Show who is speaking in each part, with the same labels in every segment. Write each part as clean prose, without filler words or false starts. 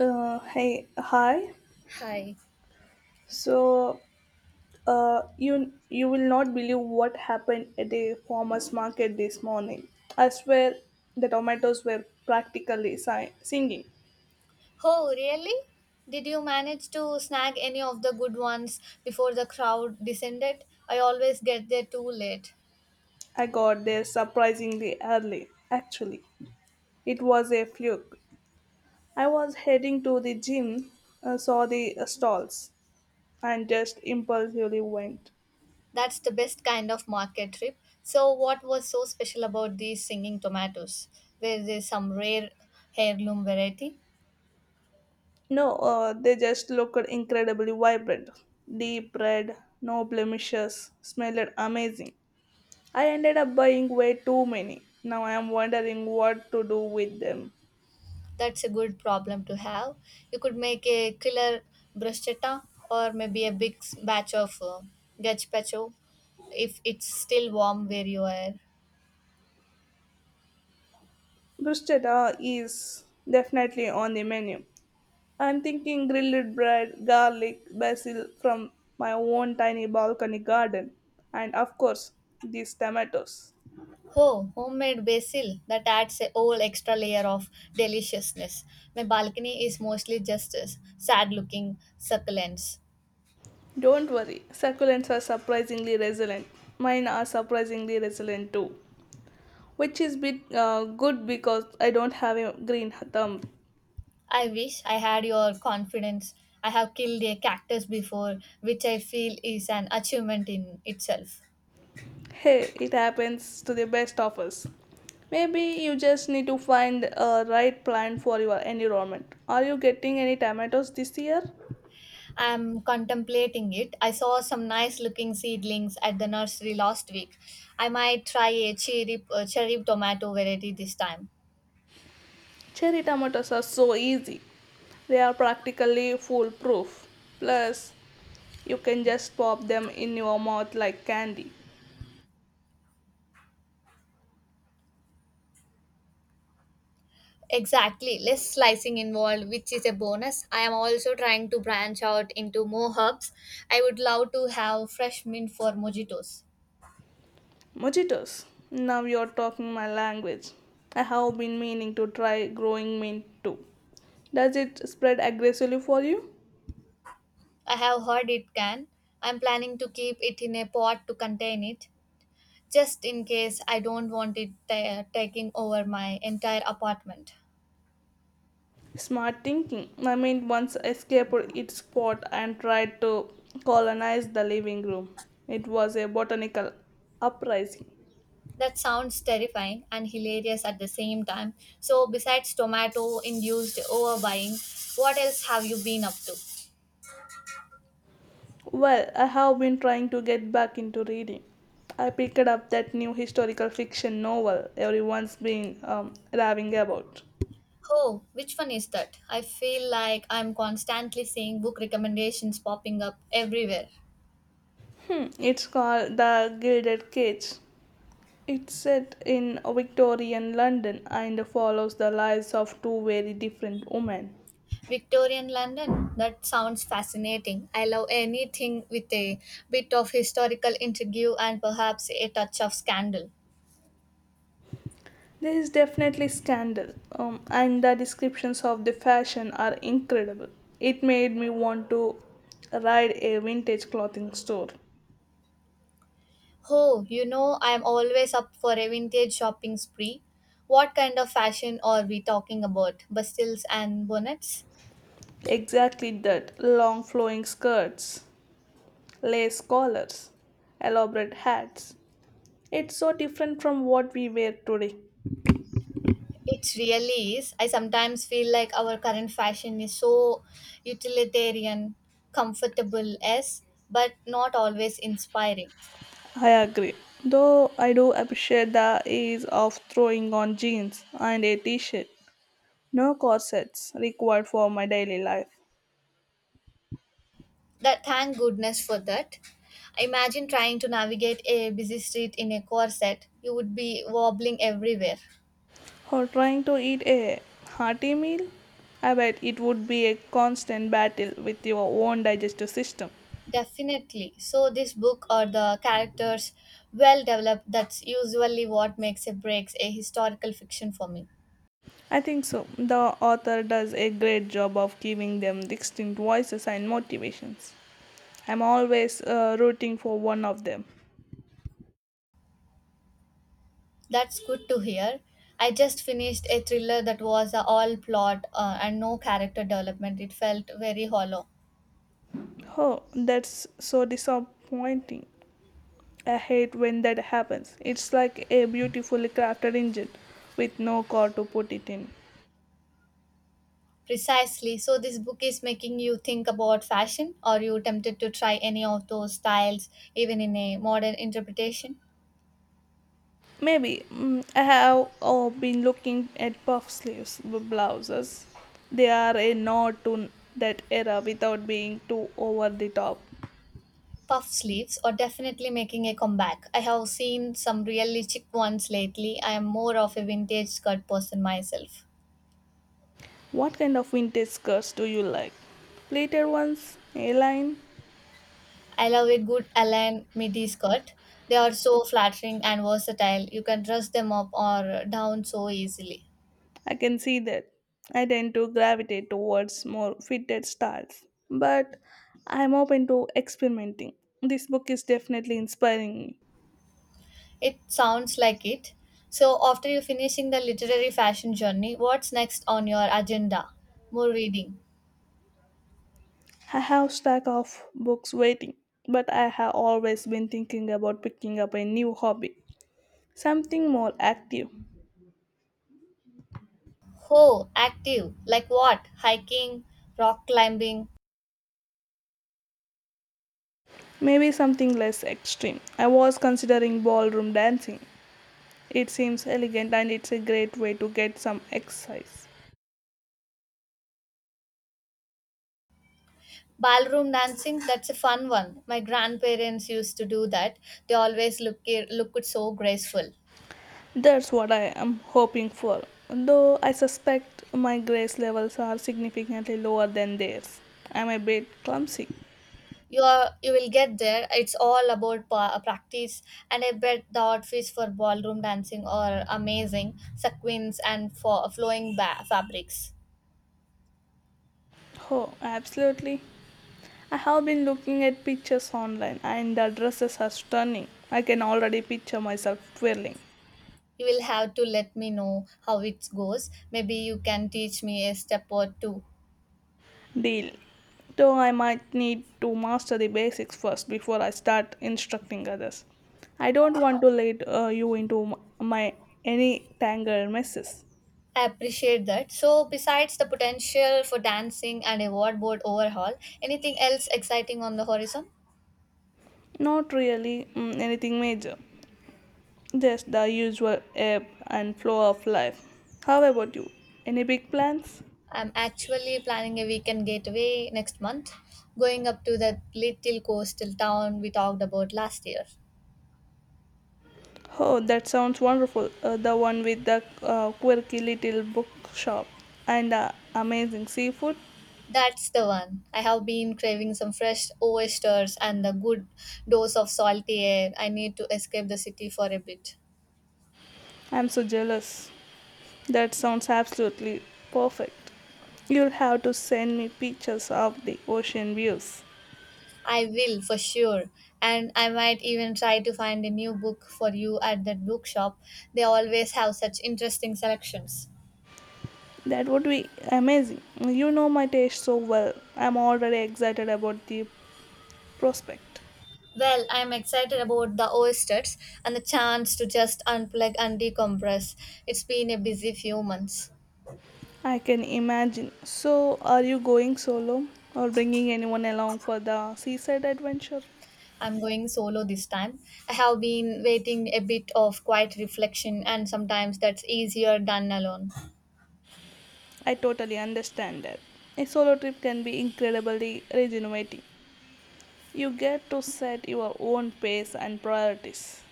Speaker 1: Hey, hi.
Speaker 2: Hi.
Speaker 1: So, you will not believe what happened at the farmers market this morning. I swear, the tomatoes were practically singing.
Speaker 2: Oh, really? Did you manage to snag any of the good ones before the crowd descended? I always get there too late.
Speaker 1: I got there surprisingly early. Actually, it was a fluke. I was heading to the gym, saw the stalls, and just impulsively went.
Speaker 2: That's the best kind of market trip. So, what was so special about these singing tomatoes? Were there some rare heirloom variety?
Speaker 1: No, they just looked incredibly vibrant. Deep red, no blemishes, smelled amazing. I ended up buying way too many. Now I am wondering what to do with them.
Speaker 2: That's a good problem to have. You could make a killer bruschetta or maybe a big batch of gazpacho if it's still warm where you are.
Speaker 1: Bruschetta is definitely on the menu. I'm thinking grilled bread, garlic, basil from my own tiny balcony garden, and of course, these tomatoes.
Speaker 2: Oh, homemade basil that adds a whole extra layer of deliciousness. My balcony is mostly just sad looking succulents.
Speaker 1: Don't worry, succulents are surprisingly resilient. Mine are surprisingly resilient too, which is bit good because I don't have a green thumb.
Speaker 2: I wish I had your confidence. I have killed a cactus before, which I feel is an achievement in itself.
Speaker 1: Hey, it happens to the best of us. Maybe you just need to find a right plant for your environment. Are you getting any tomatoes this year?
Speaker 2: I am contemplating it. I saw some nice looking seedlings at the nursery last week. I might try a cherry tomato variety this time.
Speaker 1: Cherry tomatoes are so easy. They are practically foolproof. Plus, you can just pop them in your mouth like candy.
Speaker 2: Exactly, less slicing involved, which is a bonus. I am also trying to branch out into more herbs. I would love to have fresh mint for mojitos.
Speaker 1: Mojitos. Now you're talking my language. I have been meaning to try growing mint too. Does it spread aggressively for you?
Speaker 2: I have heard it can. I'm planning to keep it in a pot to contain it, just in case I don't want it taking over my entire apartment.
Speaker 1: Smart thinking. My mind once escaped its spot and tried to colonize the living room. It was a botanical uprising.
Speaker 2: That sounds terrifying and hilarious at the same time. So, besides tomato induced overbuying, what else have you been up to?
Speaker 1: Well, I have been trying to get back into reading. I picked up that new historical fiction novel everyone's been raving about.
Speaker 2: Oh, which one is that? I feel like I'm constantly seeing book recommendations popping up everywhere.
Speaker 1: It's called The Gilded Cage. It's set in Victorian London and follows the lives of two very different women.
Speaker 2: Victorian London? That sounds fascinating. I love anything with a bit of historical intrigue and perhaps a touch of scandal.
Speaker 1: There is definitely scandal, and the descriptions of the fashion are incredible. It made me want to ride a vintage clothing store.
Speaker 2: Oh, you know, I'm always up for a vintage shopping spree. What kind of fashion are we talking about? Bustles and bonnets?
Speaker 1: Exactly that long flowing skirts, lace collars, elaborate hats. It's so different from what we wear today.
Speaker 2: It really is. I sometimes feel like our current fashion is so utilitarian, comfortable, yes, but not always inspiring.
Speaker 1: I agree. Though I do appreciate the ease of throwing on jeans and a t shirt. No corsets required for my daily life.
Speaker 2: That thank goodness for that. Imagine trying to navigate a busy street in a corset. You would be wobbling everywhere.
Speaker 1: Or trying to eat a hearty meal, I bet it would be a constant battle with your own digestive system.
Speaker 2: Definitely. So this book or the characters well developed that's usually what makes or breaks a historical fiction for me.
Speaker 1: I think so. The author does a great job of giving them distinct voices and motivations. I'm always rooting for one of them.
Speaker 2: That's good to hear. I just finished a thriller that was a all plot and no character development. It felt very hollow.
Speaker 1: Oh, that's so disappointing. I hate when that happens. It's like a beautifully crafted engine with no core to put it in.
Speaker 2: Precisely. So, this book is making you think about fashion. Are you tempted to try any of those styles, even in a modern interpretation?
Speaker 1: Maybe I have been looking at puff sleeves blouses. They are a nod to that era without being too over the top.
Speaker 2: Puff sleeves are definitely making a comeback. I have seen some really chic ones lately. I am more of a vintage skirt person myself.
Speaker 1: What kind of vintage skirts do you like? Pleated ones, A-line.
Speaker 2: I love a good Alan midi skirt. They are so flattering and versatile. You can dress them up or down so easily.
Speaker 1: I can see that. I tend to gravitate towards more fitted styles, but I am open to experimenting. This book is definitely inspiring me.
Speaker 2: It sounds like it. So after you finishing the literary fashion journey, what's next on your agenda? More reading.
Speaker 1: I have stack of books waiting, but I have always been thinking about picking up a new hobby, something more active,
Speaker 2: Oh, active. Like what? Hiking, rock climbing,
Speaker 1: maybe something less extreme. I was considering ballroom dancing. It seems elegant and it's a great way to get some exercise.
Speaker 2: ballroom dancing. That's a fun one. My grandparents used to do that. They always looked so graceful.
Speaker 1: That's what I am hoping for, though I suspect my grace levels are significantly lower than theirs. I'm a bit clumsy.
Speaker 2: You are you will get there. It's all about practice, and I bet the outfits for ballroom dancing are amazing sequins and for flowing fabrics.
Speaker 1: Oh, absolutely. I have been looking at pictures online and the dresses are stunning. I can already picture myself twirling.
Speaker 2: You will have to let me know how it goes. Maybe you can teach me a step or two.
Speaker 1: Deal. Though I might need to master the basics first before I start instructing others. I don't want to lead you into my any tangled messes.
Speaker 2: I appreciate that. So besides the potential for dancing and a wardrobe overhaul, anything else exciting on the horizon?
Speaker 1: Not really, anything major, just the usual ebb and flow of life. How about you? Any big plans?
Speaker 2: I'm actually planning a weekend getaway next month, going up to that little coastal town we talked about last year.
Speaker 1: Oh, that sounds wonderful. The one with the quirky little bookshop and amazing seafood.
Speaker 2: That's the one. I have been craving some fresh oysters and a good dose of salty air. I need to escape the city for a bit.
Speaker 1: I'm so jealous. That sounds absolutely perfect. You'll have to send me pictures of the ocean views.
Speaker 2: I will for sure, and I might even try to find a new book for you at that bookshop. They always have such interesting selections.
Speaker 1: That would be amazing. You know my taste so well. I'm already excited about the prospect.
Speaker 2: Well, I'm excited about the oysters and the chance to just unplug and decompress. It's been a busy few months.
Speaker 1: I can imagine. So, are you going solo or bringing anyone along for the seaside adventure?
Speaker 2: I'm going solo this time. I have been waiting a bit of quiet reflection, and sometimes that's easier done alone.
Speaker 1: I totally understand that. A solo trip can be incredibly rejuvenating. You get to set your own pace and priorities,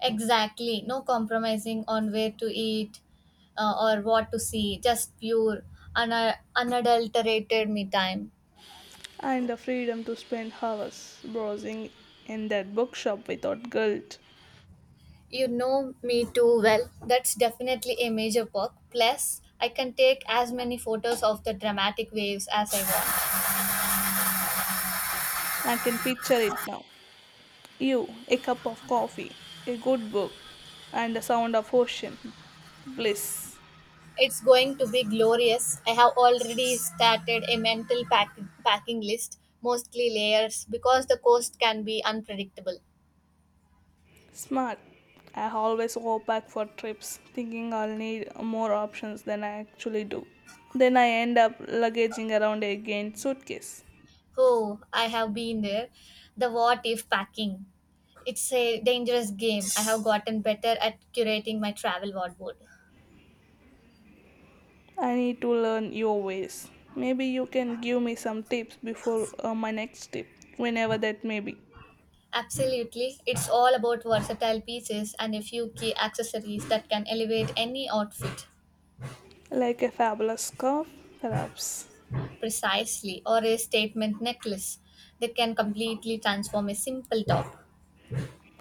Speaker 2: Exactly, no compromising on where to eat or what to see, just pure, unadulterated me time.
Speaker 1: and the freedom to spend hours browsing in that bookshop without guilt.
Speaker 2: You know me too well. That's definitely a major perk. Plus, I can take as many photos of the dramatic waves as I want.
Speaker 1: I can picture it now. You, a cup of coffee, a good book, and the sound of ocean. Bliss.
Speaker 2: It's going to be glorious. I have already started a mental packing list, mostly layers, because the coast can be unpredictable.
Speaker 1: Smart. I always go back for trips thinking I'll need more options than I actually do. Then I end up luggaging around a giant suitcase.
Speaker 2: Oh, I have been there. The what if packing. It's a dangerous game. I have gotten better at curating my travel wardrobe.
Speaker 1: I need to learn your ways. Maybe you can give me some tips before my next trip, whenever that may be.
Speaker 2: Absolutely. It's all about versatile pieces and a few key accessories that can elevate any outfit
Speaker 1: Like a fabulous scarf, perhaps.
Speaker 2: precisely, or a statement necklace that can completely transform a simple top.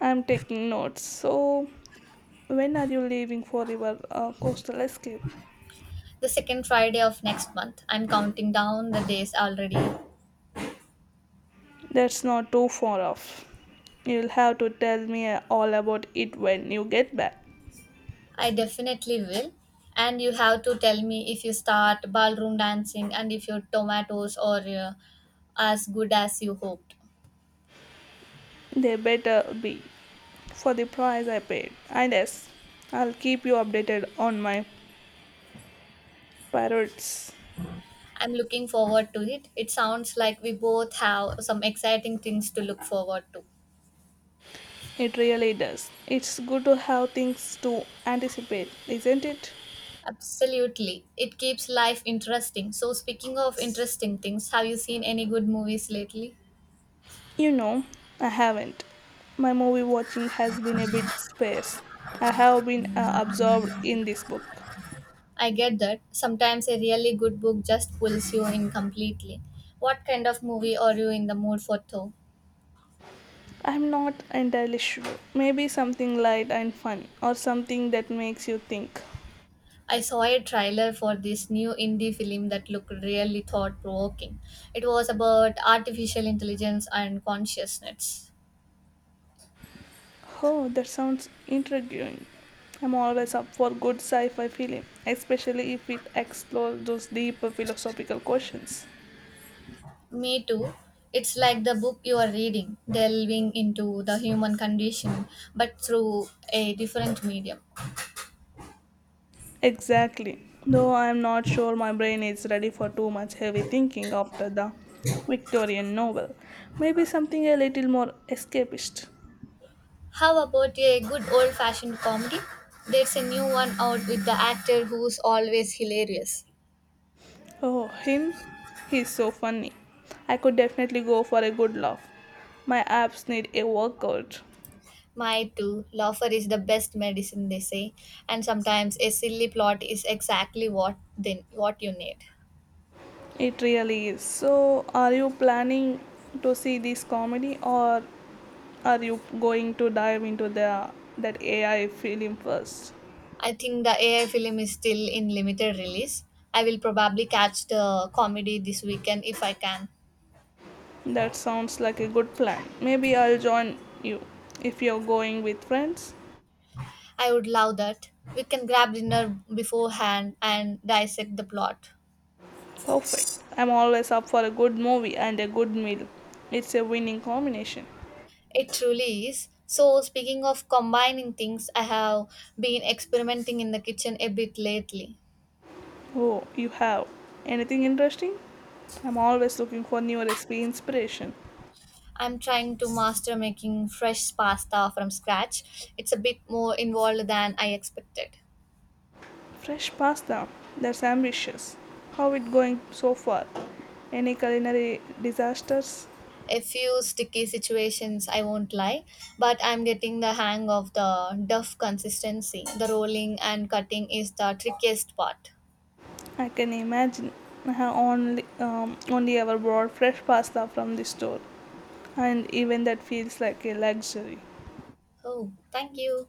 Speaker 1: I'm taking notes. So, when are you leaving for your coastal escape?
Speaker 2: The second Friday of next month. I'm counting down the days already.
Speaker 1: That's not too far off. You'll have to tell me all about it when you get back.
Speaker 2: I definitely will. And you have to tell me if you start ballroom dancing and if your tomatoes are as good as you hoped.
Speaker 1: They better be for the price I paid. And yes, I'll keep you updated on my parrots.
Speaker 2: I'm looking forward to it. It sounds like we both have some exciting things to look forward to.
Speaker 1: It really does. It's good to have things to anticipate, isn't it?
Speaker 2: Absolutely. It keeps life interesting. So, speaking of interesting things, have you seen any good movies lately?
Speaker 1: You know, I haven't. My movie watching has been a bit sparse. I have been absorbed in this book.
Speaker 2: I get that. Sometimes a really good book just pulls you in completely. What kind of movie are you in the mood for, though?
Speaker 1: I'm not entirely sure. Maybe something light and fun, or something that makes you think.
Speaker 2: I saw a trailer for this new indie film that looked really thought provoking. It was about artificial intelligence and consciousness.
Speaker 1: Oh, that sounds intriguing. I'm always up for good sci fi film, especially if it explores those deeper philosophical questions.
Speaker 2: Me too. It's like the book you are reading, delving into the human condition, but through a different medium.
Speaker 1: Exactly. Though I'm not sure my brain is ready for too much heavy thinking after the Victorian novel. Maybe something a little more escapist.
Speaker 2: How about a good old fashioned comedy? There's a new one out with the actor who's always hilarious.
Speaker 1: Oh, him? He's so funny. I could definitely go for a good laugh. My abs need a workout.
Speaker 2: My too. Laughter is the best medicine, they say, and sometimes a silly plot is exactly what you need.
Speaker 1: It really is. So, are you planning to see this comedy or are you going to dive into the that AI film first?
Speaker 2: I think the AI film is still in limited release. I will probably catch the comedy this weekend if I can.
Speaker 1: That sounds like a good plan. Maybe I'll join you if you're going with friends.
Speaker 2: I would love that. We can grab dinner beforehand and dissect the plot.
Speaker 1: Perfect. I'm always up for a good movie and a good meal. It's a winning combination.
Speaker 2: It truly is. So, speaking of combining things, I have been experimenting in the kitchen a bit lately.
Speaker 1: Oh, you have. Anything interesting? I'm always looking for new recipe inspiration.
Speaker 2: I'm trying to master making fresh pasta from scratch. It's a bit more involved than I expected.
Speaker 1: Fresh pasta. That's ambitious. How it going so far? Any culinary disasters?
Speaker 2: A few sticky situations, I won't lie, but I'm getting the hang of the duff consistency. The rolling and cutting is the trickiest part.
Speaker 1: I can imagine. I have only ever bought fresh pasta from the store, and even that feels like a luxury.
Speaker 2: Oh, thank you.